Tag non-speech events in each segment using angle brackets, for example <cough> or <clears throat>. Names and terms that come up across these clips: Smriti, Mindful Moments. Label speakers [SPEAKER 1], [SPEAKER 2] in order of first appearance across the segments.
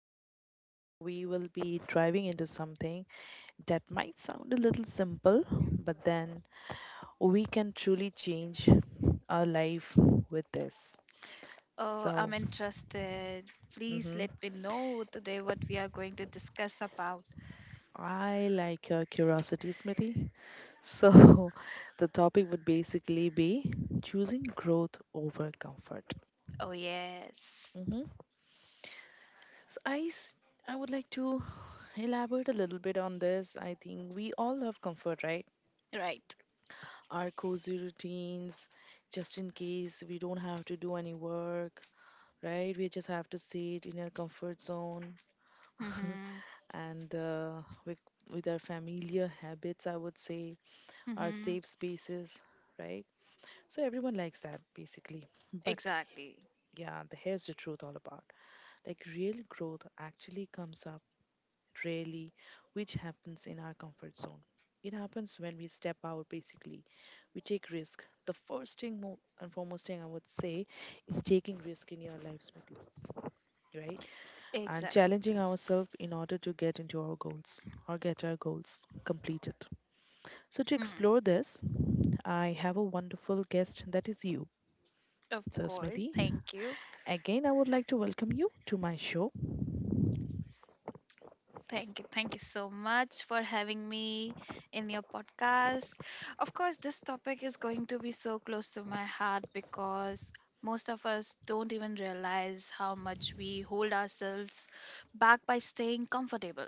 [SPEAKER 1] and we will be driving into something that might sound a little simple, but then we can truly change our life with this.
[SPEAKER 2] Oh, I'm
[SPEAKER 1] So,
[SPEAKER 2] interested. Please
[SPEAKER 1] mhm,
[SPEAKER 2] let me know today what we are going to discuss about.
[SPEAKER 1] I like your curiosity, Smithy. So, <laughs> the topic would basically be choosing growth over comfort.
[SPEAKER 2] Oh, yes.
[SPEAKER 1] Hmm. So, I would like to elaborate a little bit on this. I think we all love comfort, right?
[SPEAKER 2] Right.
[SPEAKER 1] Our cozy routines, just in case we don't have to do any work, right? We just have to sit in our comfort zone.
[SPEAKER 2] Mm-hmm.
[SPEAKER 1] <laughs> And with our familiar habits, I would say, our safe
[SPEAKER 2] Mm-hmm.
[SPEAKER 1] spaces, right? So, everyone likes that basically. But.
[SPEAKER 2] Exactly.
[SPEAKER 1] Yeah, here's the truth all about. Like, real growth actually comes up rarely, which happens in our comfort zone. It happens when we step out, basically. We take risk. The first thing, and foremost thing, I would say, is taking risk in your life, Smriti, right? And
[SPEAKER 2] Exactly.
[SPEAKER 1] challenging ourselves in order to get into our goals or get our goals completed. So, to
[SPEAKER 2] Mm.
[SPEAKER 1] explore this, I have a wonderful guest, that is you.
[SPEAKER 2] Of
[SPEAKER 1] So,
[SPEAKER 2] course.
[SPEAKER 1] Smriti,
[SPEAKER 2] Thank you.
[SPEAKER 1] again, I would like to welcome you to my show.
[SPEAKER 2] Thank you. Thank you so much for having me in your podcast. Of course, this topic is going to be so close to my heart because most of us don't even realize how much we hold ourselves back by staying comfortable.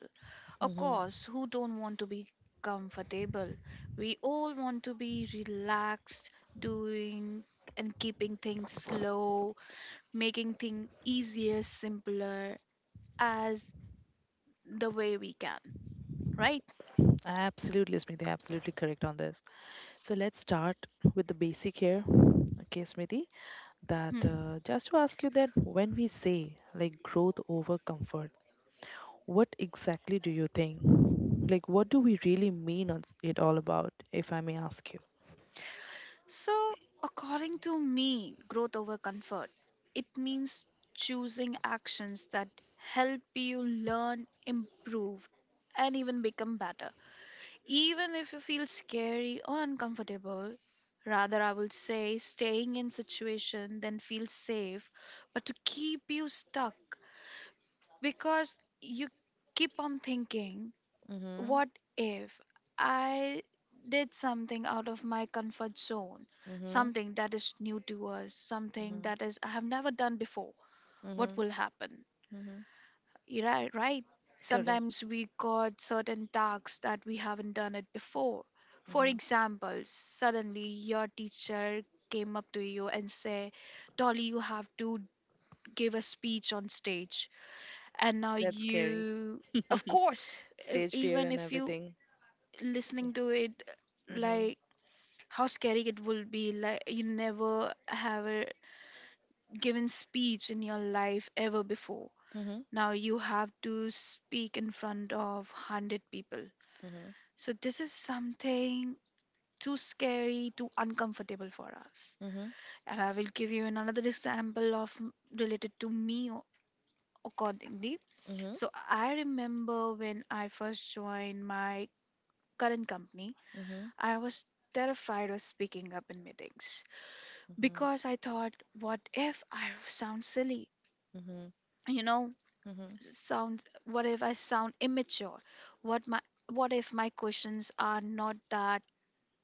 [SPEAKER 2] Of
[SPEAKER 1] hmm
[SPEAKER 2] course, who don't want to be comfortable? We all want to be relaxed, doing and keeping things slow, making things easier, simpler as the way we can, right?
[SPEAKER 1] Absolutely, Smriti. Absolutely correct on this. So let's start with the basic here. Okay, Smriti, that
[SPEAKER 2] Hmm.
[SPEAKER 1] just to ask you that when we say like growth over comfort, what exactly do you think? Like, what do we really mean on it all about, if I may ask you?
[SPEAKER 2] So, according to me, growth over comfort, it means choosing actions that help you learn, improve, and even become better. Even if you feel scary or uncomfortable, rather, I would say staying in situation than feel safe, but to keep you stuck because you keep on thinking,
[SPEAKER 1] Mm-hmm.
[SPEAKER 2] what if I did something out of my comfort zone,
[SPEAKER 1] Mm-hmm.
[SPEAKER 2] something that is new to us, something
[SPEAKER 1] Mm-hmm.
[SPEAKER 2] that is I have never done before? What
[SPEAKER 1] Mm-hmm.
[SPEAKER 2] will happen?
[SPEAKER 1] Mm-hmm.
[SPEAKER 2] You right? Sometimes
[SPEAKER 1] Correct.
[SPEAKER 2] we got certain tasks that we haven't done it before. For
[SPEAKER 1] Hmm.
[SPEAKER 2] example, suddenly your teacher came up to you and say, "Dolly, you have to give a speech on stage," and now
[SPEAKER 1] That's scary.
[SPEAKER 2] you,
[SPEAKER 1] <laughs>
[SPEAKER 2] of course,
[SPEAKER 1] Stage fear
[SPEAKER 2] even
[SPEAKER 1] and
[SPEAKER 2] if you
[SPEAKER 1] everything. Yeah.
[SPEAKER 2] listening to it,
[SPEAKER 1] Mm-hmm.
[SPEAKER 2] like how scary it will be. Like you never have a given speech in your life ever before.
[SPEAKER 1] Mm-hmm.
[SPEAKER 2] Now you have to speak in front of 100 people.
[SPEAKER 1] Mm-hmm.
[SPEAKER 2] So this is something too scary, too uncomfortable for us.
[SPEAKER 1] Mm-hmm.
[SPEAKER 2] And I will give you another example of related to me, accordingly.
[SPEAKER 1] Mm-hmm.
[SPEAKER 2] So I remember when I first joined my current company, I was terrified of speaking up in meetings
[SPEAKER 1] Mm-hmm.
[SPEAKER 2] because I thought, what if I sound silly?
[SPEAKER 1] Mm-hmm.
[SPEAKER 2] You know, sounds. What if I sound immature? What my what if my questions are not that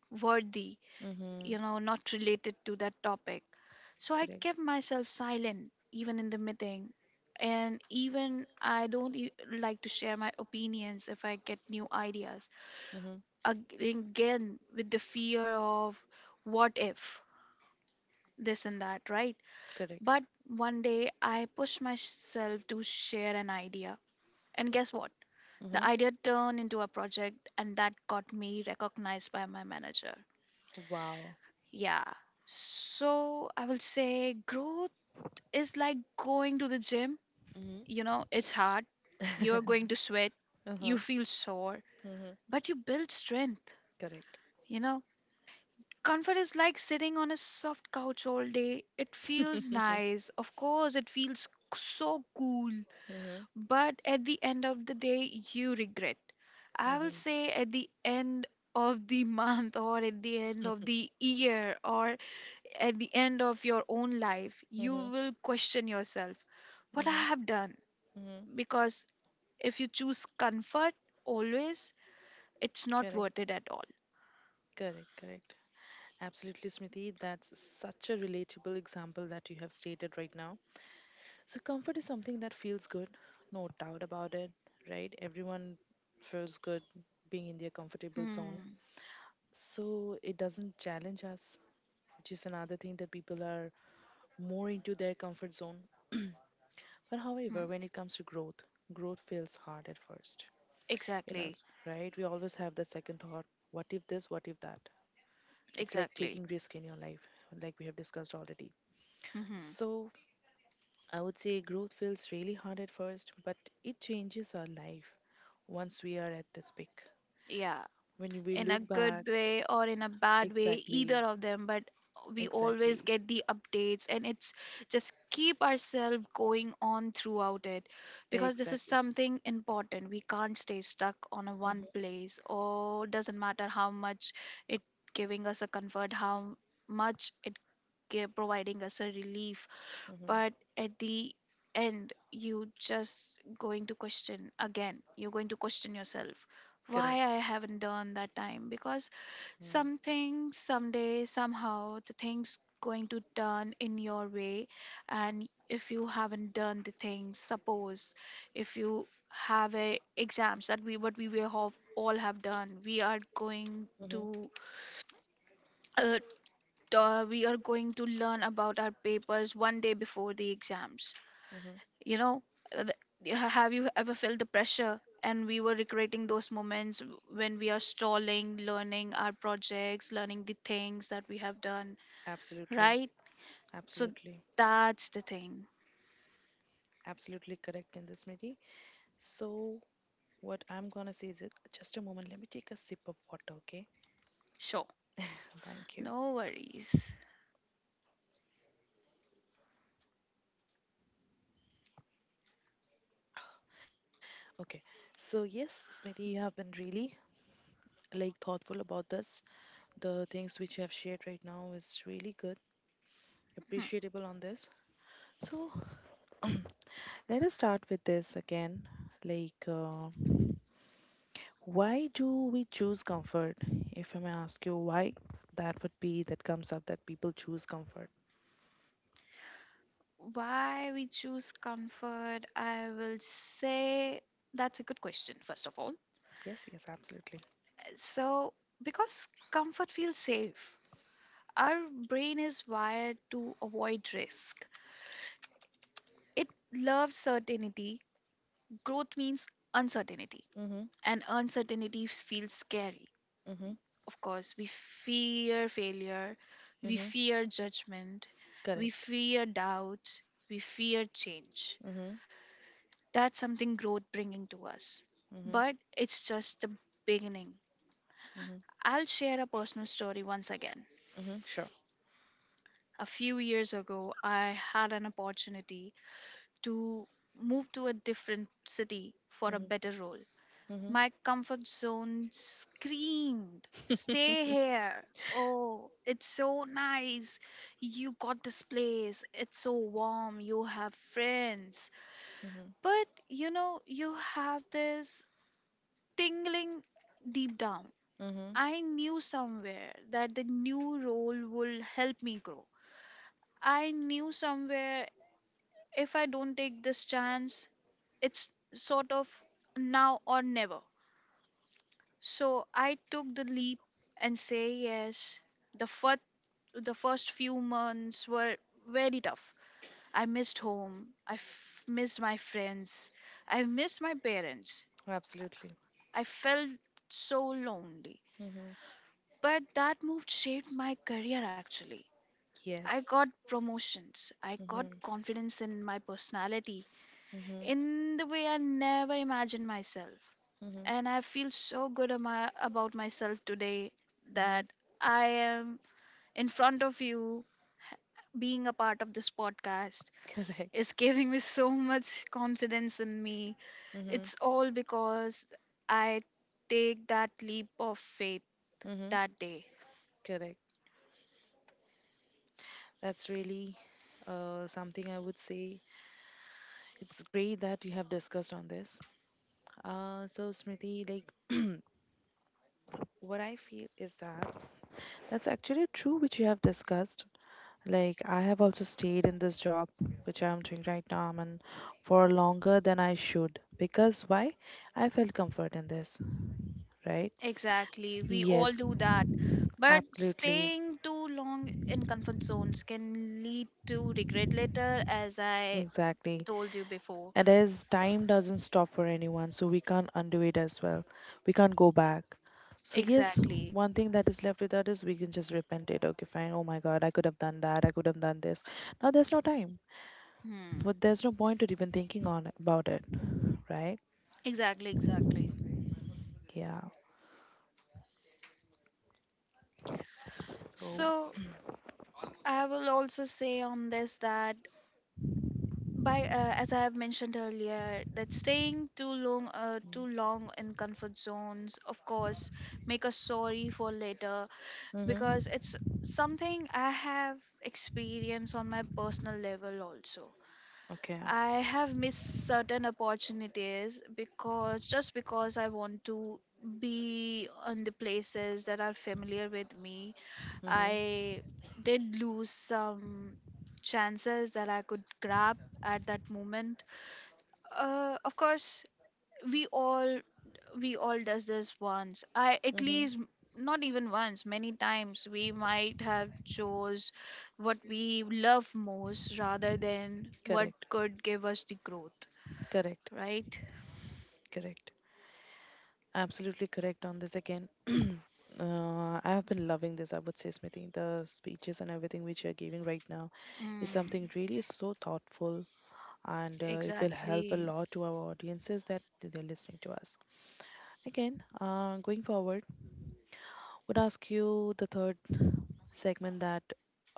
[SPEAKER 2] worthy?
[SPEAKER 1] Mm-hmm. Mm-hmm.
[SPEAKER 2] Not related to that topic. So I
[SPEAKER 1] Correct.
[SPEAKER 2] kept myself silent even in the meeting, and even I don't like to share my opinions if I get new ideas.
[SPEAKER 1] Mm-hmm.
[SPEAKER 2] Again, with the fear of what if this and that, right?
[SPEAKER 1] Correct.
[SPEAKER 2] But one day I pushed myself to share an idea. And guess what? The
[SPEAKER 1] Mm-hmm.
[SPEAKER 2] idea turned into a project, and that got me recognized by my manager.
[SPEAKER 1] Wow.
[SPEAKER 2] Yeah. So I will say growth is like going to the gym.
[SPEAKER 1] Mm-hmm.
[SPEAKER 2] It's hard. You're going to sweat.
[SPEAKER 1] <laughs> Uh-huh.
[SPEAKER 2] You feel sore,
[SPEAKER 1] Mm-hmm.
[SPEAKER 2] but you build strength.
[SPEAKER 1] Correct.
[SPEAKER 2] You know, Comfort is like sitting on a soft couch all day. It feels
[SPEAKER 1] <laughs>
[SPEAKER 2] nice. Of course, it feels so cool.
[SPEAKER 1] Mhm.
[SPEAKER 2] But at the end of the day, you regret. I will
[SPEAKER 1] Mhm.
[SPEAKER 2] say at the end of the <laughs> month, or at the end of the year, or at the end of your own life, you will question yourself, what I have done.
[SPEAKER 1] Mhm.
[SPEAKER 2] Because if you choose comfort always, it's not
[SPEAKER 1] Correct.
[SPEAKER 2] worth it at all.
[SPEAKER 1] Correct. Correct. Absolutely, Smriti. That's such a relatable example that you have stated right now. So, comfort is something that feels good, no doubt about it, right? Everyone feels good being in their comfortable zone.
[SPEAKER 2] Hmm.
[SPEAKER 1] So, it doesn't challenge us, which is another thing that people are more into their comfort zone. <clears throat> But however,
[SPEAKER 2] Hmm.
[SPEAKER 1] when it comes to growth, growth feels hard at first. You know,
[SPEAKER 2] Exactly,
[SPEAKER 1] right? We always have that second thought, what if this, what if that? It's like
[SPEAKER 2] exactly.
[SPEAKER 1] taking risk in your life, like we have discussed already.
[SPEAKER 2] Hmm.
[SPEAKER 1] So I would say growth feels really hard at first, but it changes our life once we are at this peak.
[SPEAKER 2] Yeah.
[SPEAKER 1] When we
[SPEAKER 2] In a
[SPEAKER 1] look back,
[SPEAKER 2] good way or in a bad way,
[SPEAKER 1] exactly,
[SPEAKER 2] either of them. But we always
[SPEAKER 1] exactly,
[SPEAKER 2] get the updates and it's just keep ourselves going on throughout it. Because this is
[SPEAKER 1] exactly.
[SPEAKER 2] something important, we can't stay stuck on a one place, or doesn't matter how much it giving us a comfort, how much it providing us a relief. But at the end, you just going to question again, you're going to question yourself,
[SPEAKER 1] Correct.
[SPEAKER 2] why I haven't done that time. Because something, someday, somehow, the things going to turn in your way. And if you haven't done the things, suppose if you have a exams, that we what we will have, all have done, we are going
[SPEAKER 1] Mm-hmm.
[SPEAKER 2] to uh, we are going to learn about our papers one day before the exams,
[SPEAKER 1] Mm-hmm.
[SPEAKER 2] you know uh, have you ever felt the pressure, and we were recreating those moments when we are stalling learning our projects, learning the things that we have done,
[SPEAKER 1] Absolutely.
[SPEAKER 2] right? So
[SPEAKER 1] Absolutely.
[SPEAKER 2] that's the thing.
[SPEAKER 1] Absolutely correct in this, Nidhi. So, what I'm gonna say is, just a moment, let me take a sip of water, okay?
[SPEAKER 2] Sure.
[SPEAKER 1] Thank you.
[SPEAKER 2] No worries.
[SPEAKER 1] Okay. So, yes, Smriti, you have been really like thoughtful about this. The things which you have shared right now is really good,
[SPEAKER 2] Hmm.
[SPEAKER 1] appreciable on this. So, <clears throat> let us start with this again. Like, why do we choose comfort? If I may ask you why, that would be that comes up that people choose comfort.
[SPEAKER 2] Why we choose comfort, I will say, that's a good question first of all.
[SPEAKER 1] Yes, yes, absolutely.
[SPEAKER 2] So, because comfort feels safe. Our brain is wired to avoid risk. It loves certainty. Growth means uncertainty,
[SPEAKER 1] Mm-hmm,
[SPEAKER 2] and uncertainty feels scary.
[SPEAKER 1] mm-hmm,
[SPEAKER 2] Of course, we fear failure, we
[SPEAKER 1] mm-hmm.
[SPEAKER 2] fear judgment, we
[SPEAKER 1] Correct.
[SPEAKER 2] fear doubts, we fear change.
[SPEAKER 1] Mm-hmm,
[SPEAKER 2] That's something growth bringing to us. But it's just the beginning. I'll share a personal story once again.
[SPEAKER 1] mm-hmm, sure.
[SPEAKER 2] A few years ago, I had an opportunity to move to a different city for a
[SPEAKER 1] Mm-hmm,
[SPEAKER 2] better role.
[SPEAKER 1] mm-hmm,
[SPEAKER 2] My comfort zone screamed, "Stay
[SPEAKER 1] <laughs>
[SPEAKER 2] here. Oh, it's so nice. You got this place. It's so warm. You have friends."
[SPEAKER 1] mm-hmm,
[SPEAKER 2] But you have this tingling deep down.
[SPEAKER 1] mm-hmm.
[SPEAKER 2] I knew somewhere that the new role will help me grow. I knew somewhere if I don't take this chance, it's sort of now or never. So I took the leap and say yes. The first the first few months were very tough. I missed home. I missed my friends. I missed my parents.
[SPEAKER 1] Absolutely.
[SPEAKER 2] I felt so lonely.
[SPEAKER 1] Mm-hmm.
[SPEAKER 2] But that move shaped my career actually. I got
[SPEAKER 1] Yes.
[SPEAKER 2] promotions. I got
[SPEAKER 1] Mm-hmm,
[SPEAKER 2] confidence in my personality
[SPEAKER 1] mm-hmm,
[SPEAKER 2] in the way I never imagined myself.
[SPEAKER 1] mm-hmm,
[SPEAKER 2] And I feel so good about myself today,
[SPEAKER 1] mm-hmm.
[SPEAKER 2] that I am in front of you, being a part of this podcast
[SPEAKER 1] Correct.
[SPEAKER 2] is giving me so much confidence in me.
[SPEAKER 1] Mm-hmm.
[SPEAKER 2] It's all because I take that leap of faith
[SPEAKER 1] Mm-hmm.
[SPEAKER 2] that day.
[SPEAKER 1] Correct. That's really something I would say. It's great that you have discussed on this. So, Smriti, like, <clears throat> what I feel is that that's actually true, which you have discussed. Like, I have also stayed in this job, which I'm doing right now, and for longer than I should. Because why? I felt comfort in this, right?
[SPEAKER 2] Exactly. We all
[SPEAKER 1] Yes,
[SPEAKER 2] do that. But
[SPEAKER 1] absolutely,
[SPEAKER 2] staying too long in comfort zones can lead to regret later, as I
[SPEAKER 1] exactly.
[SPEAKER 2] told you before.
[SPEAKER 1] And as time doesn't stop for anyone, so we can't undo it as well. We can't go back. So yes,
[SPEAKER 2] Exactly.
[SPEAKER 1] one thing that is left with us is we can just repent it. Okay, fine. Oh my God, I could have done that. I could have done this. Now there's no time.
[SPEAKER 2] Hmm.
[SPEAKER 1] But there's no point to even thinking on about it, right?
[SPEAKER 2] Exactly, exactly.
[SPEAKER 1] Yeah. So.
[SPEAKER 2] So I will also say on this that by as I have mentioned earlier, that staying too long in comfort zones, of course, make us sorry for later.
[SPEAKER 1] Hmm.
[SPEAKER 2] Because it's something I have experienced on my personal level also.
[SPEAKER 1] Okay.
[SPEAKER 2] I have missed certain opportunities, because just because I want to be on the places that are familiar with me,
[SPEAKER 1] Hmm.
[SPEAKER 2] I did lose some chances that I could grab at that moment, of course. We all we all does this once, I at
[SPEAKER 1] Hmm.
[SPEAKER 2] least, not even once, many times we might have chose what we love most rather than what
[SPEAKER 1] Correct.
[SPEAKER 2] could give us the growth,
[SPEAKER 1] Correct.
[SPEAKER 2] right?
[SPEAKER 1] Correct. Absolutely correct on this again. I have been loving this, I would say, Smriti. The speeches and everything which you're giving right now is something
[SPEAKER 2] Mm.
[SPEAKER 1] really so thoughtful, and it will help a
[SPEAKER 2] Exactly.
[SPEAKER 1] lot to our audiences that they're listening to us. Again, going forward, would ask you the third segment, that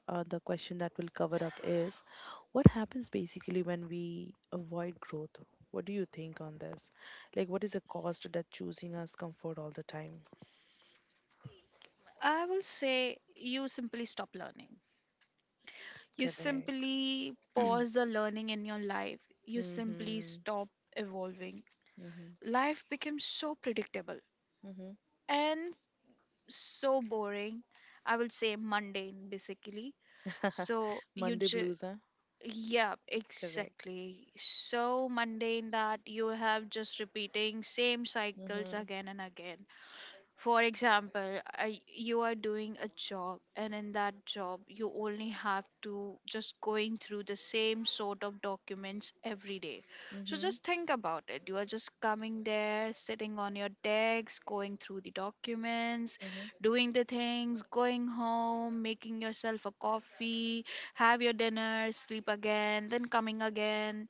[SPEAKER 1] the question that will cover up is, what happens basically when we avoid growth? What do you think on this? Like, what is the cost that choosing us comfort all the time?
[SPEAKER 2] I will say you simply stop learning. You
[SPEAKER 1] Correct.
[SPEAKER 2] simply
[SPEAKER 1] <clears throat>
[SPEAKER 2] pause the learning in your life. You simply stop
[SPEAKER 1] Mm-hmm.
[SPEAKER 2] evolving. Life becomes so predictable
[SPEAKER 1] Mm-hmm.
[SPEAKER 2] and so boring. I will say mundane basically.
[SPEAKER 1] <laughs>
[SPEAKER 2] So you
[SPEAKER 1] Monday
[SPEAKER 2] just.
[SPEAKER 1] blues, huh?
[SPEAKER 2] Yeah,
[SPEAKER 1] Correct.
[SPEAKER 2] exactly. So mundane that you have just repeating same cycles
[SPEAKER 1] Mm-hmm.
[SPEAKER 2] again and again. For example, you are doing a job, and in that job, you only have to just going through the same sort of documents every day. So
[SPEAKER 1] Mm-hmm.
[SPEAKER 2] just think about it. You are just coming there, sitting on your desk, going through the documents,
[SPEAKER 1] Mm-hmm.
[SPEAKER 2] doing the things, going home, making yourself a coffee, have your dinner, sleep again, then coming again.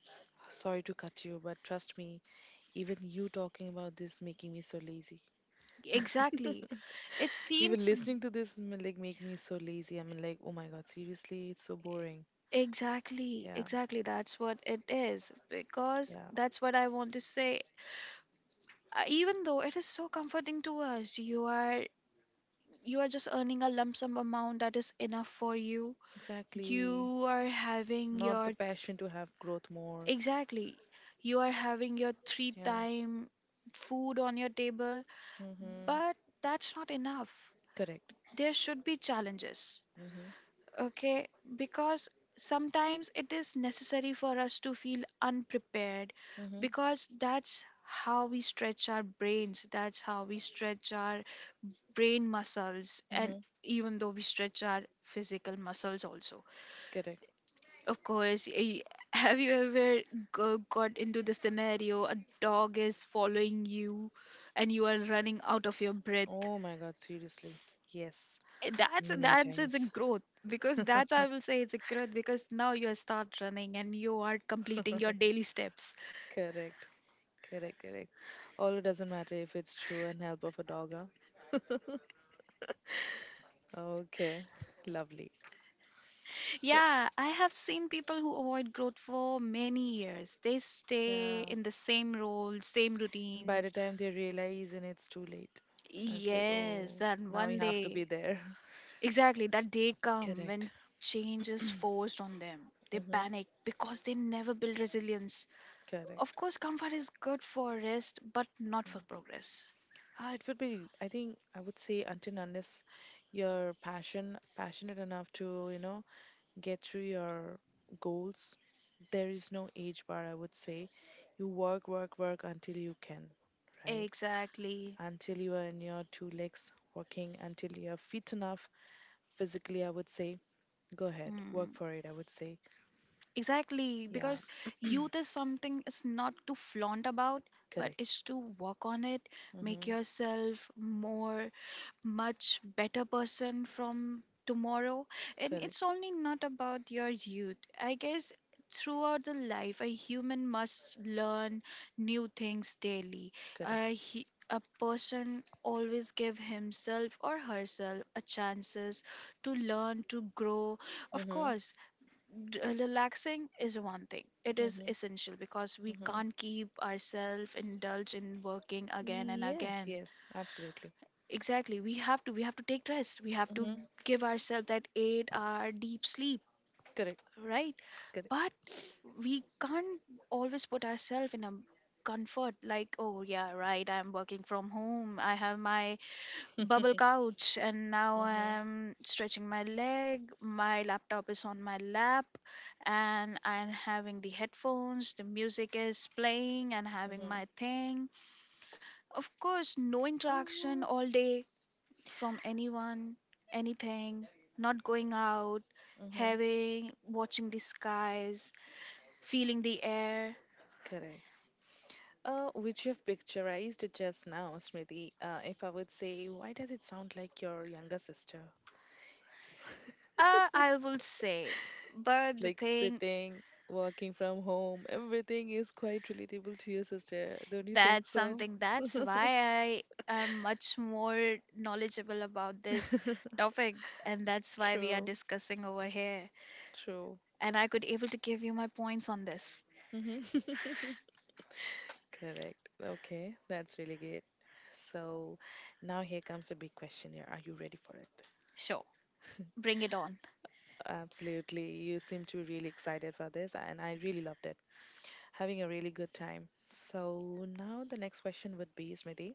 [SPEAKER 1] Sorry to cut you, but trust me, even you talking about this making me so lazy.
[SPEAKER 2] Exactly. It
[SPEAKER 1] Even
[SPEAKER 2] seems.
[SPEAKER 1] listening to this like make me so lazy. I'm like, oh my God, seriously, it's so boring.
[SPEAKER 2] Exactly,
[SPEAKER 1] Yeah,
[SPEAKER 2] exactly. That's what it is. Because
[SPEAKER 1] yeah,
[SPEAKER 2] that's what I want to say. Even though it is so comforting to us, you are just earning a lump sum amount that is enough for you.
[SPEAKER 1] exactly.
[SPEAKER 2] You are having
[SPEAKER 1] Not
[SPEAKER 2] your.
[SPEAKER 1] the passion to have growth more.
[SPEAKER 2] Exactly. You are having your three
[SPEAKER 1] Yeah.
[SPEAKER 2] time food on your table,
[SPEAKER 1] Mm-hmm.
[SPEAKER 2] but that's not enough.
[SPEAKER 1] Correct.
[SPEAKER 2] There should be challenges. Okay, because sometimes it is necessary for us to feel unprepared,
[SPEAKER 1] Mm-hmm.
[SPEAKER 2] because that's how we stretch our brains, that's how we stretch our brain muscles, and
[SPEAKER 1] Mm-hmm.
[SPEAKER 2] even though we stretch our physical muscles also.
[SPEAKER 1] Correct.
[SPEAKER 2] Of course, <laughs> have you ever got into the scenario, a dog is following you and you are running out of your breath?
[SPEAKER 1] Oh my God, seriously. Yes,
[SPEAKER 2] Eh,
[SPEAKER 1] many a
[SPEAKER 2] that's It's a
[SPEAKER 1] times.
[SPEAKER 2] growth, because that's,
[SPEAKER 1] <laughs>
[SPEAKER 2] I will say, it's a growth because now you start running and you are completing your daily steps.
[SPEAKER 1] Correct, correct, correct. All it doesn't matter if it's true and help of a dog, huh? <laughs> Okay, lovely. So,
[SPEAKER 2] Yeah, I have seen people who avoid growth for many years, they stay
[SPEAKER 1] yeah.
[SPEAKER 2] in the same role, same
[SPEAKER 1] And by
[SPEAKER 2] routine.
[SPEAKER 1] the time they realize, and it's too late. And it's like,
[SPEAKER 2] Yes,
[SPEAKER 1] oh,
[SPEAKER 2] that
[SPEAKER 1] now
[SPEAKER 2] one
[SPEAKER 1] you have to be
[SPEAKER 2] day.
[SPEAKER 1] there. <laughs>
[SPEAKER 2] Exactly, that day come when
[SPEAKER 1] Correct.
[SPEAKER 2] change
[SPEAKER 1] <clears throat>
[SPEAKER 2] is forced on them, they
[SPEAKER 1] Hmm.
[SPEAKER 2] panic because they never build resilience. Of
[SPEAKER 1] Correct.
[SPEAKER 2] course, comfort is good for rest, but not for
[SPEAKER 1] Mm.
[SPEAKER 2] progress.
[SPEAKER 1] Ah, it would be, I think I would say until and unless you're passionate enough to get through your goals, there is no age bar, I would say. You work, work, work until you can, right?
[SPEAKER 2] Exactly.
[SPEAKER 1] Until you are in your two legs working, until you are fit enough physically, I would say, go ahead, work
[SPEAKER 2] Mm,
[SPEAKER 1] for it, I would say.
[SPEAKER 2] exactly,
[SPEAKER 1] Yeah,
[SPEAKER 2] because youth is something it's not to flaunt about, but it's
[SPEAKER 1] correct.
[SPEAKER 2] to work on it, make
[SPEAKER 1] Mm-hmm.
[SPEAKER 2] yourself more much better person from tomorrow. And
[SPEAKER 1] Correct,
[SPEAKER 2] it's only not about your youth, I guess. Throughout the life, a human must learn new things daily.
[SPEAKER 1] correct.
[SPEAKER 2] A person always give himself or herself a chances to learn, to grow. Of
[SPEAKER 1] Mm-hmm.
[SPEAKER 2] course, relaxing is one thing, it is
[SPEAKER 1] Mm-hmm.
[SPEAKER 2] essential because we
[SPEAKER 1] Mm-hmm.
[SPEAKER 2] can't keep ourselves indulged in working again and
[SPEAKER 1] Yes,
[SPEAKER 2] again.
[SPEAKER 1] yes, absolutely.
[SPEAKER 2] Exactly. We have to take rest. We have to
[SPEAKER 1] Mm-hmm.
[SPEAKER 2] give ourselves that 8-hour hour deep sleep,
[SPEAKER 1] Correct,
[SPEAKER 2] right?
[SPEAKER 1] correct.
[SPEAKER 2] But we can't always put ourselves in a comfort like, oh yeah, right, I'm working from home. I have my bubble couch
[SPEAKER 1] <laughs>
[SPEAKER 2] and now I'm stretching my leg. My laptop is on my lap and I'm having the headphones, the music is playing and having my thing. Of course, no interaction
[SPEAKER 1] Um,
[SPEAKER 2] all day from anyone, anything, not going out, having, watching the skies, feeling the air?
[SPEAKER 1] Correct. Which you have picturized just now, Smriti. If I would say, why does it sound like your younger sister?
[SPEAKER 2] Uh,
[SPEAKER 1] <laughs>
[SPEAKER 2] I will say, but the
[SPEAKER 1] Like
[SPEAKER 2] thing
[SPEAKER 1] sitting, working from home, everything is quite relatable to your sister. Don't you think
[SPEAKER 2] that's
[SPEAKER 1] so? <laughs>
[SPEAKER 2] something that's why I am much more knowledgeable about this topic, and that's why we are
[SPEAKER 1] True.
[SPEAKER 2] discussing over here.
[SPEAKER 1] True.
[SPEAKER 2] And I could able to give you my points on this.
[SPEAKER 1] Hmm. <laughs> Correct. Okay, that's really great. So now here comes a big question here. Are you ready for it?
[SPEAKER 2] Sure, bring it on.
[SPEAKER 1] Absolutely. You seem to be really excited for this, and I really loved it. Having a really good time. So now the next question would be, Smriti,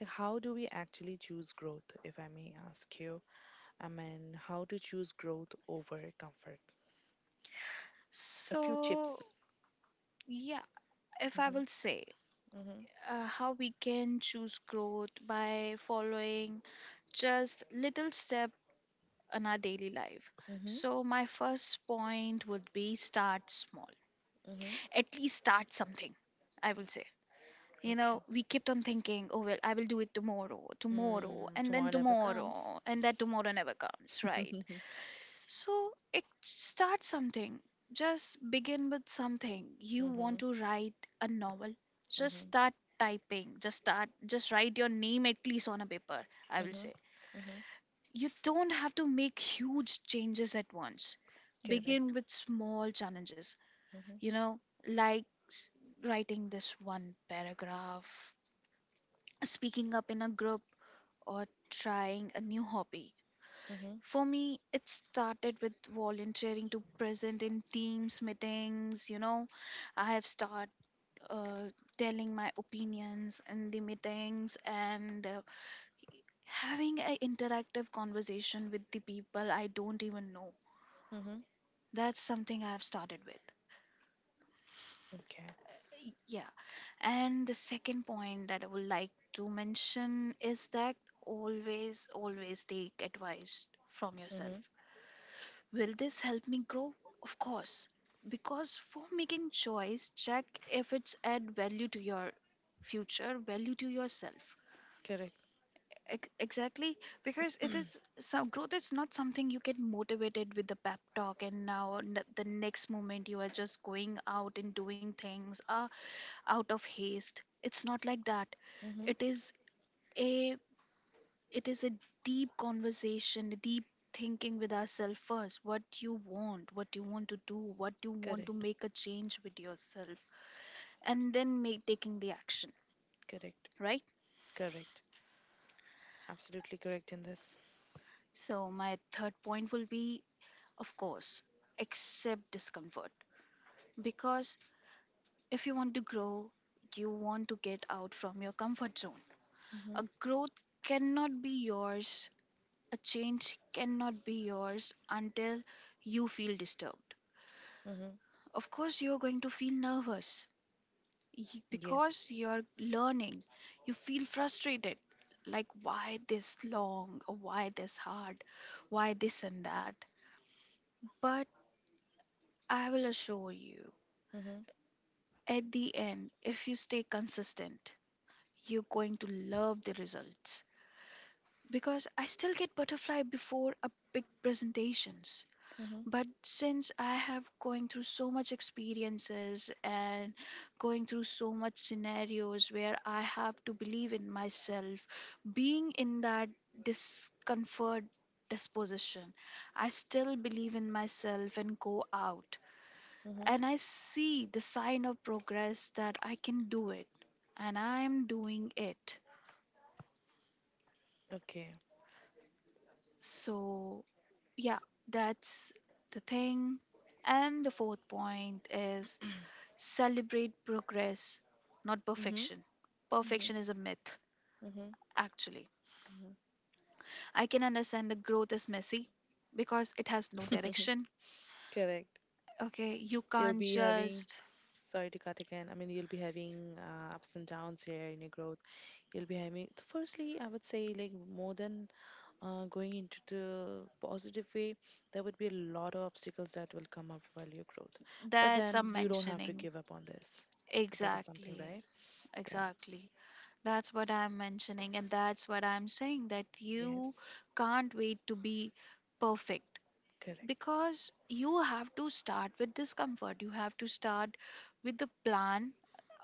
[SPEAKER 1] like how do we actually choose growth, if I may ask you? I mean, how to choose growth over comfort? A few
[SPEAKER 2] So
[SPEAKER 1] chips.
[SPEAKER 2] yeah, if I will say
[SPEAKER 1] Mm-hmm.
[SPEAKER 2] how we can choose growth by following just little step in our daily life.
[SPEAKER 1] Mm-hmm.
[SPEAKER 2] So my first point would be start small, at least start something, I will say. You know, we kept on thinking, oh well, I will do it tomorrow,
[SPEAKER 1] Mm-hmm.
[SPEAKER 2] tomorrow and
[SPEAKER 1] Tomorrow
[SPEAKER 2] then
[SPEAKER 1] never comes.
[SPEAKER 2] tomorrow, and that tomorrow never comes, right?
[SPEAKER 1] <laughs>
[SPEAKER 2] So it start something. Just begin with something. You want to write a novel. Just start typing. Just start just write your name at least on a paper, I will say.
[SPEAKER 1] Mm-hmm.
[SPEAKER 2] You don't have to make huge changes at once.
[SPEAKER 1] Correct.
[SPEAKER 2] Begin with small challenges. You
[SPEAKER 1] Mm-hmm.
[SPEAKER 2] know, like s- writing this one paragraph, speaking up in a group or trying a new hobby. For me, it started with volunteering to present in teams meetings. You know, I have started uh, telling my opinions in the meetings and having an interactive conversation with the people I don't even know.
[SPEAKER 1] Mm-hmm.
[SPEAKER 2] That's something I have started with.
[SPEAKER 1] Okay.
[SPEAKER 2] Yeah. And the second point that I would like to mention is that always, always take advice from yourself.
[SPEAKER 1] Mm-hmm.
[SPEAKER 2] Will this help me grow? Of course. Because for making choice, check if it's add value to your future, value to yourself.
[SPEAKER 1] Correct.
[SPEAKER 2] Exactly. Because it is some growth is not something you get motivated with the pep talk and now the next moment you are just going out and doing things out of haste. It's not like that.
[SPEAKER 1] Mm-hmm.
[SPEAKER 2] It is a it is a deep conversation, a deep thinking with ourselves first. What you want to do, what you want to
[SPEAKER 1] Correct.
[SPEAKER 2] make a change with yourself, and then make taking the action,
[SPEAKER 1] Correct.
[SPEAKER 2] right?
[SPEAKER 1] Correct. Absolutely correct in this.
[SPEAKER 2] So my third point will be, of course, accept discomfort, because if you want to grow, you want to get out from your comfort zone. A
[SPEAKER 1] Mm-hmm.
[SPEAKER 2] growth cannot be yours. A change cannot be yours until you feel disturbed.
[SPEAKER 1] Mm-hmm.
[SPEAKER 2] Of course you're going to feel nervous, because
[SPEAKER 1] Yes.
[SPEAKER 2] you're learning, you feel frustrated, like why this long or why this hard, why this and that, but I will assure you
[SPEAKER 1] Mm-hmm.
[SPEAKER 2] at the end if you stay consistent, you're going to love the results, because I still get butterfly before a big presentations,
[SPEAKER 1] Mm-hmm.
[SPEAKER 2] but since I have going through so much experiences and going through so much scenarios where I have to believe in myself, being in that discomfort disposition, I still believe in myself and go out,
[SPEAKER 1] Mm-hmm.
[SPEAKER 2] and I see the sign of progress that I can do it, and I am doing it.
[SPEAKER 1] Okay.
[SPEAKER 2] So yeah, that's the thing. And the fourth point is celebrate progress, not
[SPEAKER 1] Mm-hmm.
[SPEAKER 2] perfection. Perfection is a myth,
[SPEAKER 1] Mm-hmm.
[SPEAKER 2] actually. I can understand the growth is messy because it has no
[SPEAKER 1] Mm-hmm.
[SPEAKER 2] direction.
[SPEAKER 1] <laughs> Correct.
[SPEAKER 2] Okay, you
[SPEAKER 1] You'll
[SPEAKER 2] can't
[SPEAKER 1] be having,
[SPEAKER 2] just.
[SPEAKER 1] sorry to cut again. I mean, you'll be having ups and downs here in your growth. You'll be having, so firstly, I would say, like, more than going into the positive way, there would be a lot of obstacles that will come up while you growth. But
[SPEAKER 2] That's
[SPEAKER 1] then
[SPEAKER 2] I'm
[SPEAKER 1] you don't have to
[SPEAKER 2] mentioning.
[SPEAKER 1] give up on this. So that is something,
[SPEAKER 2] Exactly,
[SPEAKER 1] right? Yeah.
[SPEAKER 2] exactly. That's what I'm mentioning, and that's what I'm saying that you
[SPEAKER 1] Yes,
[SPEAKER 2] can't wait to be perfect.
[SPEAKER 1] correct.
[SPEAKER 2] Because you have to start with discomfort, you have to start with the plan.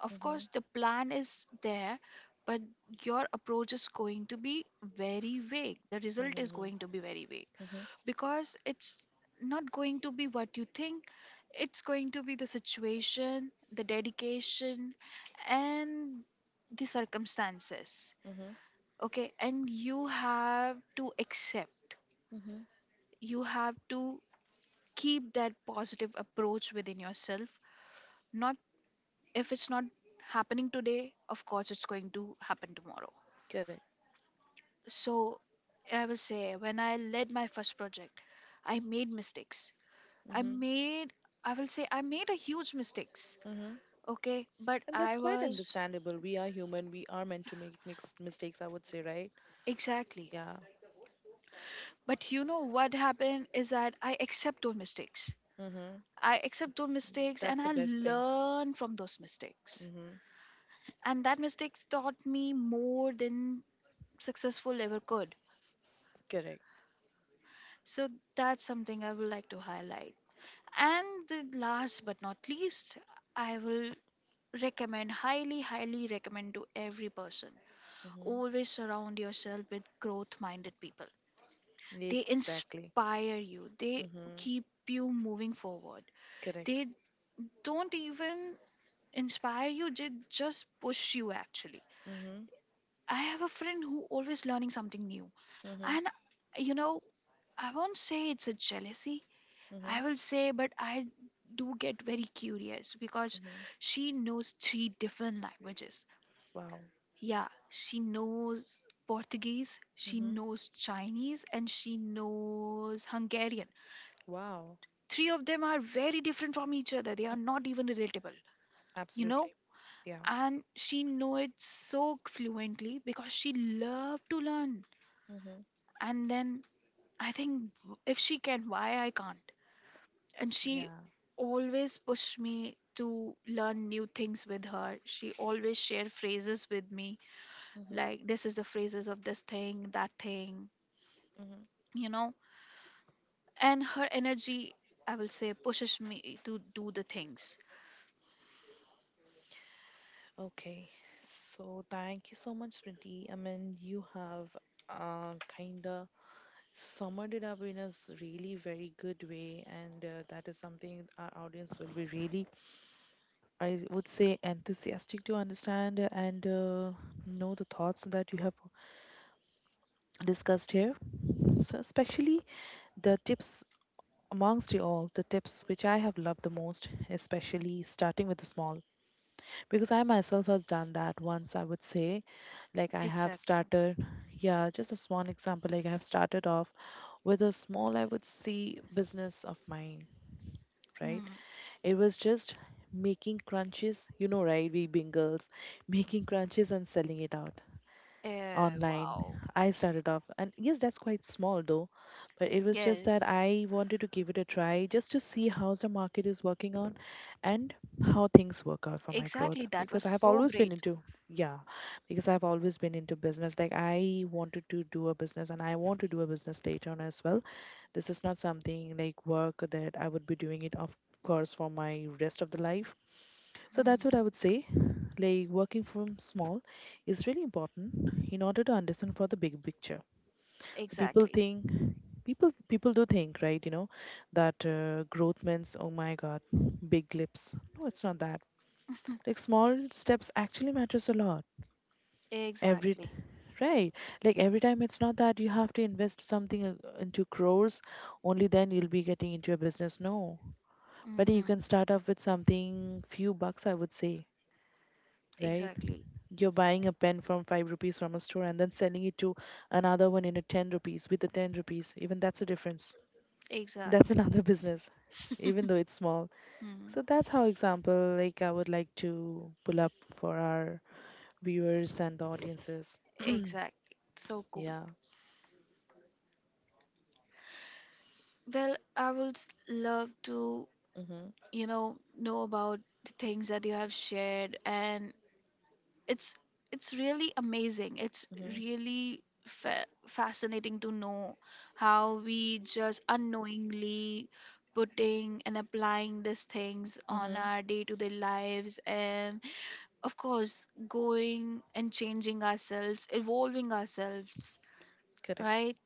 [SPEAKER 2] Of
[SPEAKER 1] Mm-hmm.
[SPEAKER 2] course the plan is there, but your approach is going to be very vague, the result is going to be very vague,
[SPEAKER 1] Mm-hmm.
[SPEAKER 2] because it's not going to be what you think, it's going to be the situation, the dedication, and the circumstances.
[SPEAKER 1] Mm-hmm.
[SPEAKER 2] Okay, and you have to accept,
[SPEAKER 1] Mm-hmm.
[SPEAKER 2] you have to keep that positive approach within yourself. Not if it's not happening today, of course, it's going to happen tomorrow.
[SPEAKER 1] Correct.
[SPEAKER 2] So, I will say when I led my first project, I made mistakes. I
[SPEAKER 1] Mm-hmm.
[SPEAKER 2] made, I will say, I made a huge mistakes.
[SPEAKER 1] Mm-hmm.
[SPEAKER 2] Okay, but
[SPEAKER 1] And that's
[SPEAKER 2] I
[SPEAKER 1] quite
[SPEAKER 2] was
[SPEAKER 1] understandable. We are human. We are meant to make mixed mistakes, I would say, right?
[SPEAKER 2] exactly.
[SPEAKER 1] Yeah.
[SPEAKER 2] But you know what happened is that I accept those mistakes.
[SPEAKER 1] Mm-hmm.
[SPEAKER 2] I accept those mistakes and
[SPEAKER 1] That's
[SPEAKER 2] I
[SPEAKER 1] the best thing.
[SPEAKER 2] learn from those mistakes,
[SPEAKER 1] Mm-hmm.
[SPEAKER 2] and that mistakes taught me more than successful ever could.
[SPEAKER 1] Correct.
[SPEAKER 2] So that's something I would like to highlight. And the last but not least, I will recommend, highly, highly recommend to every person. Always surround yourself with growth minded people.
[SPEAKER 1] Mm-hmm.
[SPEAKER 2] They
[SPEAKER 1] Exactly.
[SPEAKER 2] inspire you, they keep you moving forward.
[SPEAKER 1] Correct.
[SPEAKER 2] They don't even inspire you, they just push you actually.
[SPEAKER 1] Mm-hmm.
[SPEAKER 2] I have a friend who always learning something new.
[SPEAKER 1] Mm-hmm.
[SPEAKER 2] And you know, I won't say it's a jealousy,
[SPEAKER 1] Mm-hmm.
[SPEAKER 2] I will say, but I do get very curious because she knows three different languages.
[SPEAKER 1] Wow.
[SPEAKER 2] Yeah, she knows Portuguese, she
[SPEAKER 1] Mm-hmm.
[SPEAKER 2] knows Chinese, and she knows Hungarian.
[SPEAKER 1] Wow.
[SPEAKER 2] Three of them are very different from each other. They are not even relatable, you know?
[SPEAKER 1] Absolutely. Yeah.
[SPEAKER 2] And she know it so fluently because she loved to learn.
[SPEAKER 1] Mm-hmm.
[SPEAKER 2] And then I think if she can, why I can't? And she
[SPEAKER 1] Yeah.
[SPEAKER 2] always pushed me to learn new things with her, she always shared phrases with me,
[SPEAKER 1] Mm-hmm.
[SPEAKER 2] like this is the phrases of this thing, that thing,
[SPEAKER 1] Mm-hmm.
[SPEAKER 2] you know, and her energy, I will say, pushes me to do the things.
[SPEAKER 1] Okay, so thank you so much, Smriti. I mean, you have kind of summed it up in a really very good way, and that is something our audience will be really, I would say, enthusiastic to understand and know the thoughts that you have discussed here. So, especially the tips. Amongst you all, the tips which I have loved the most, especially starting with the small, because I myself has done that once. I would say, like I have
[SPEAKER 2] Exactly.
[SPEAKER 1] started, yeah, just a small example. Like I have started off with a small, I would say, business of mine. Right?
[SPEAKER 2] Hmm.
[SPEAKER 1] It was just making crunches. You know, right? We being girls, making crunches and selling it out
[SPEAKER 2] Yeah,
[SPEAKER 1] online.
[SPEAKER 2] wow.
[SPEAKER 1] I started off, and yes, that's quite small though, but it was just that
[SPEAKER 2] Yes.
[SPEAKER 1] I wanted to give it a try just to see how the market is working out and how things work out for my growth,
[SPEAKER 2] Exactly, that was
[SPEAKER 1] because I have
[SPEAKER 2] so
[SPEAKER 1] always been
[SPEAKER 2] great.
[SPEAKER 1] into. Yeah, because I've always been into business. Like I wanted to do a business, and I want to do a business later on as well. This is not something like work that I would be doing it, of course, for my rest of the life. So that's what I
[SPEAKER 2] Hmm.
[SPEAKER 1] would say, like working from small is really important in order to understand for the big picture. So people
[SPEAKER 2] Exactly.
[SPEAKER 1] think, people do think, right? That growth means, oh my God, big lips, no, it's not that.
[SPEAKER 2] <laughs>
[SPEAKER 1] Like small steps actually matters a lot. Every,
[SPEAKER 2] Exactly.
[SPEAKER 1] right? Like every time it's not that you have to invest something into crores, only then you'll be getting into your business, no. But
[SPEAKER 2] Hmm.
[SPEAKER 1] you can start off with something few bucks, I would say, right?
[SPEAKER 2] Exactly.
[SPEAKER 1] You're buying a pen from 5 rupees from a store and then selling it to another one in a 10 rupees, with a 10 rupees, even that's a difference. That's <laughs>
[SPEAKER 2] Exactly.
[SPEAKER 1] another business, even
[SPEAKER 2] <laughs>
[SPEAKER 1] though it's small. So
[SPEAKER 2] Hmm.
[SPEAKER 1] that's how example like I would like to pull up for our viewers and the audiences.
[SPEAKER 2] Exactly. So cool.
[SPEAKER 1] Yeah.
[SPEAKER 2] Well, I would love to,
[SPEAKER 1] Mhm.
[SPEAKER 2] you know about the things that you have shared, and it's it's really amazing. It's
[SPEAKER 1] Mhm.
[SPEAKER 2] really fascinating to know how we just unknowingly putting and applying these things on
[SPEAKER 1] Mhm.
[SPEAKER 2] our day-to-day lives, and of course, going and changing ourselves, evolving ourselves,
[SPEAKER 1] Correct.
[SPEAKER 2] right?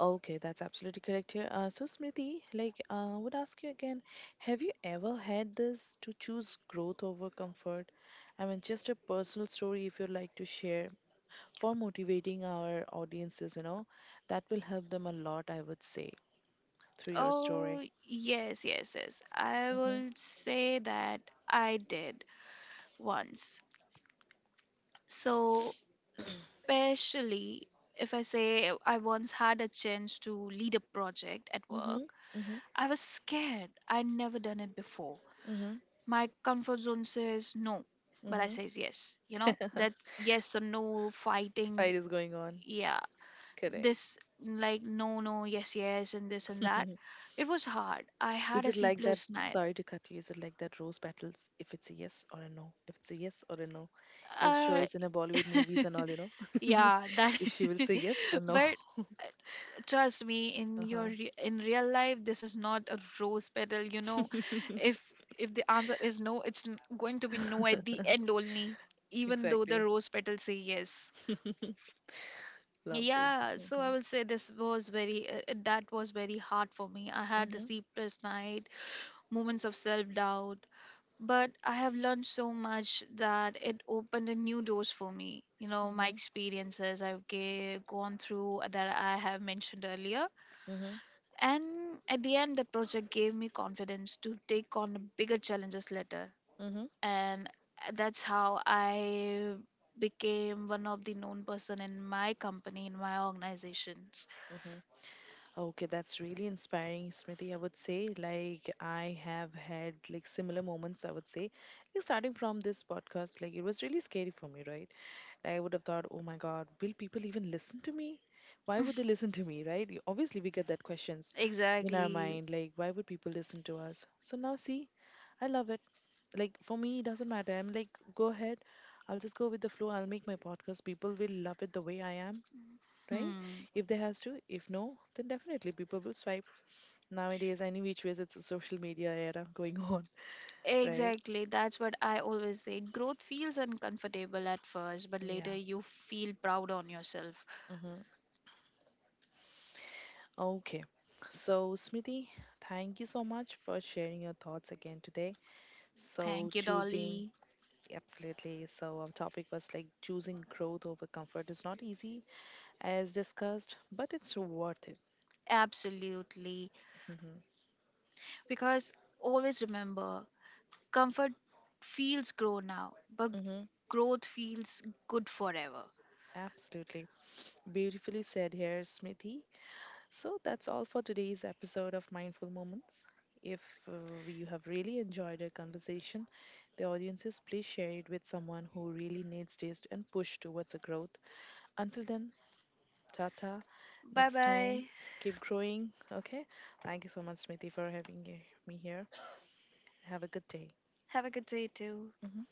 [SPEAKER 1] Okay, that's absolutely correct here. So, Smriti, like, would ask you again, have you ever had this to choose growth over comfort? I mean, just a personal story if you'd like to share for motivating our audiences, that will help them a lot, I would say, through your story.
[SPEAKER 2] Oh, yes, yes, yes. I will say that I did once. So, especially if I say I once had a chance to lead a project at
[SPEAKER 1] Mm-hmm,
[SPEAKER 2] work,
[SPEAKER 1] mm-hmm,
[SPEAKER 2] I was scared. I'd never done it before.
[SPEAKER 1] mm-hmm,
[SPEAKER 2] My comfort zone says no, but I
[SPEAKER 1] mm-hmm.
[SPEAKER 2] says yes. You know,
[SPEAKER 1] <laughs>
[SPEAKER 2] that yes or no fighting.
[SPEAKER 1] Fight is going on.
[SPEAKER 2] Yeah,
[SPEAKER 1] Correct.
[SPEAKER 2] this like no, no, yes, yes, and this and that.
[SPEAKER 1] <laughs>
[SPEAKER 2] It was hard. I had
[SPEAKER 1] Is
[SPEAKER 2] a
[SPEAKER 1] it
[SPEAKER 2] C
[SPEAKER 1] like that?
[SPEAKER 2] plus nine.
[SPEAKER 1] Sorry to cut you. Is it like that rose battles? If it's a yes or a no. If it's a yes or a no. Your show
[SPEAKER 2] Uh,
[SPEAKER 1] is in a Bollywood movies and all, you know.
[SPEAKER 2] <laughs>
[SPEAKER 1] <laughs>
[SPEAKER 2] yeah, that.
[SPEAKER 1] If she will say
[SPEAKER 2] <laughs>
[SPEAKER 1] yes or no. <laughs>
[SPEAKER 2] But trust me, in
[SPEAKER 1] Uh
[SPEAKER 2] your
[SPEAKER 1] huh.
[SPEAKER 2] in real life this is not a rose petal, you know? if if the answer is no, it's going to be no at the end only,
[SPEAKER 1] <laughs>
[SPEAKER 2] even though the
[SPEAKER 1] Exactly.
[SPEAKER 2] rose petals say yes.
[SPEAKER 1] <laughs> Lovely.
[SPEAKER 2] Yeah, so I
[SPEAKER 1] Mm-hmm.
[SPEAKER 2] will say this was very that was very hard for me, I had the
[SPEAKER 1] Mm-hmm.
[SPEAKER 2] sleepless night, moments of self doubt, but I have learned so much that it opened a new doors for me, you know, my
[SPEAKER 1] Mhm.
[SPEAKER 2] experiences I've gone through, that I have mentioned earlier.
[SPEAKER 1] Mhm.
[SPEAKER 2] And at the end, the project gave me confidence to take on bigger challenges later.
[SPEAKER 1] Mhm.
[SPEAKER 2] And that's how I became one of the known person in my company, in my organizations.
[SPEAKER 1] Okay, that's really inspiring, Smriti. I would say, like, I have had like similar moments. I would say, like, starting from this podcast, like, it was really scary for me, right? Like, I would have thought, oh my God, will people even listen to me? Why would they
[SPEAKER 2] <laughs>
[SPEAKER 1] listen to me, right? Obviously, we get that questions in our
[SPEAKER 2] Exactly.
[SPEAKER 1] mind, like, why would people listen to us? So now, see, I love it. Like for me it doesn't matter. I'm like, go ahead, I'll just go with the flow. I'll make my podcast, people will love it the way I am, right?
[SPEAKER 2] Hmm.
[SPEAKER 1] If they has to. If no, then definitely people will swipe nowadays, any which ways, it's a social media era going on. <laughs> Right,
[SPEAKER 2] Exactly. That's what I always say. Growth feels uncomfortable at first, but later
[SPEAKER 1] yeah.
[SPEAKER 2] you feel proud on yourself.
[SPEAKER 1] Mm-hmm. Okay, so Smithy, thank you so much for sharing your thoughts again today. So
[SPEAKER 2] Thank you,
[SPEAKER 1] choosing.
[SPEAKER 2] Dolly.
[SPEAKER 1] Absolutely. So our topic was, like, choosing growth over comfort is not easy, as discussed, but it's worth it.
[SPEAKER 2] Absolutely. Because always remember, comfort feels grow now, but
[SPEAKER 1] Hmm.
[SPEAKER 2] growth feels good forever.
[SPEAKER 1] Absolutely. Beautifully said here, Smithy. So that's all for today's episode of Mindful Moments. If you have really enjoyed our conversation, the audiences, please share it with someone who really needs this and push towards a growth. Until then, tata.
[SPEAKER 2] Bye
[SPEAKER 1] Next time,
[SPEAKER 2] bye.
[SPEAKER 1] keep growing. Okay. Thank you so much, Smriti, for having me here. Have a good day.
[SPEAKER 2] Have a good day too.
[SPEAKER 1] Mhm.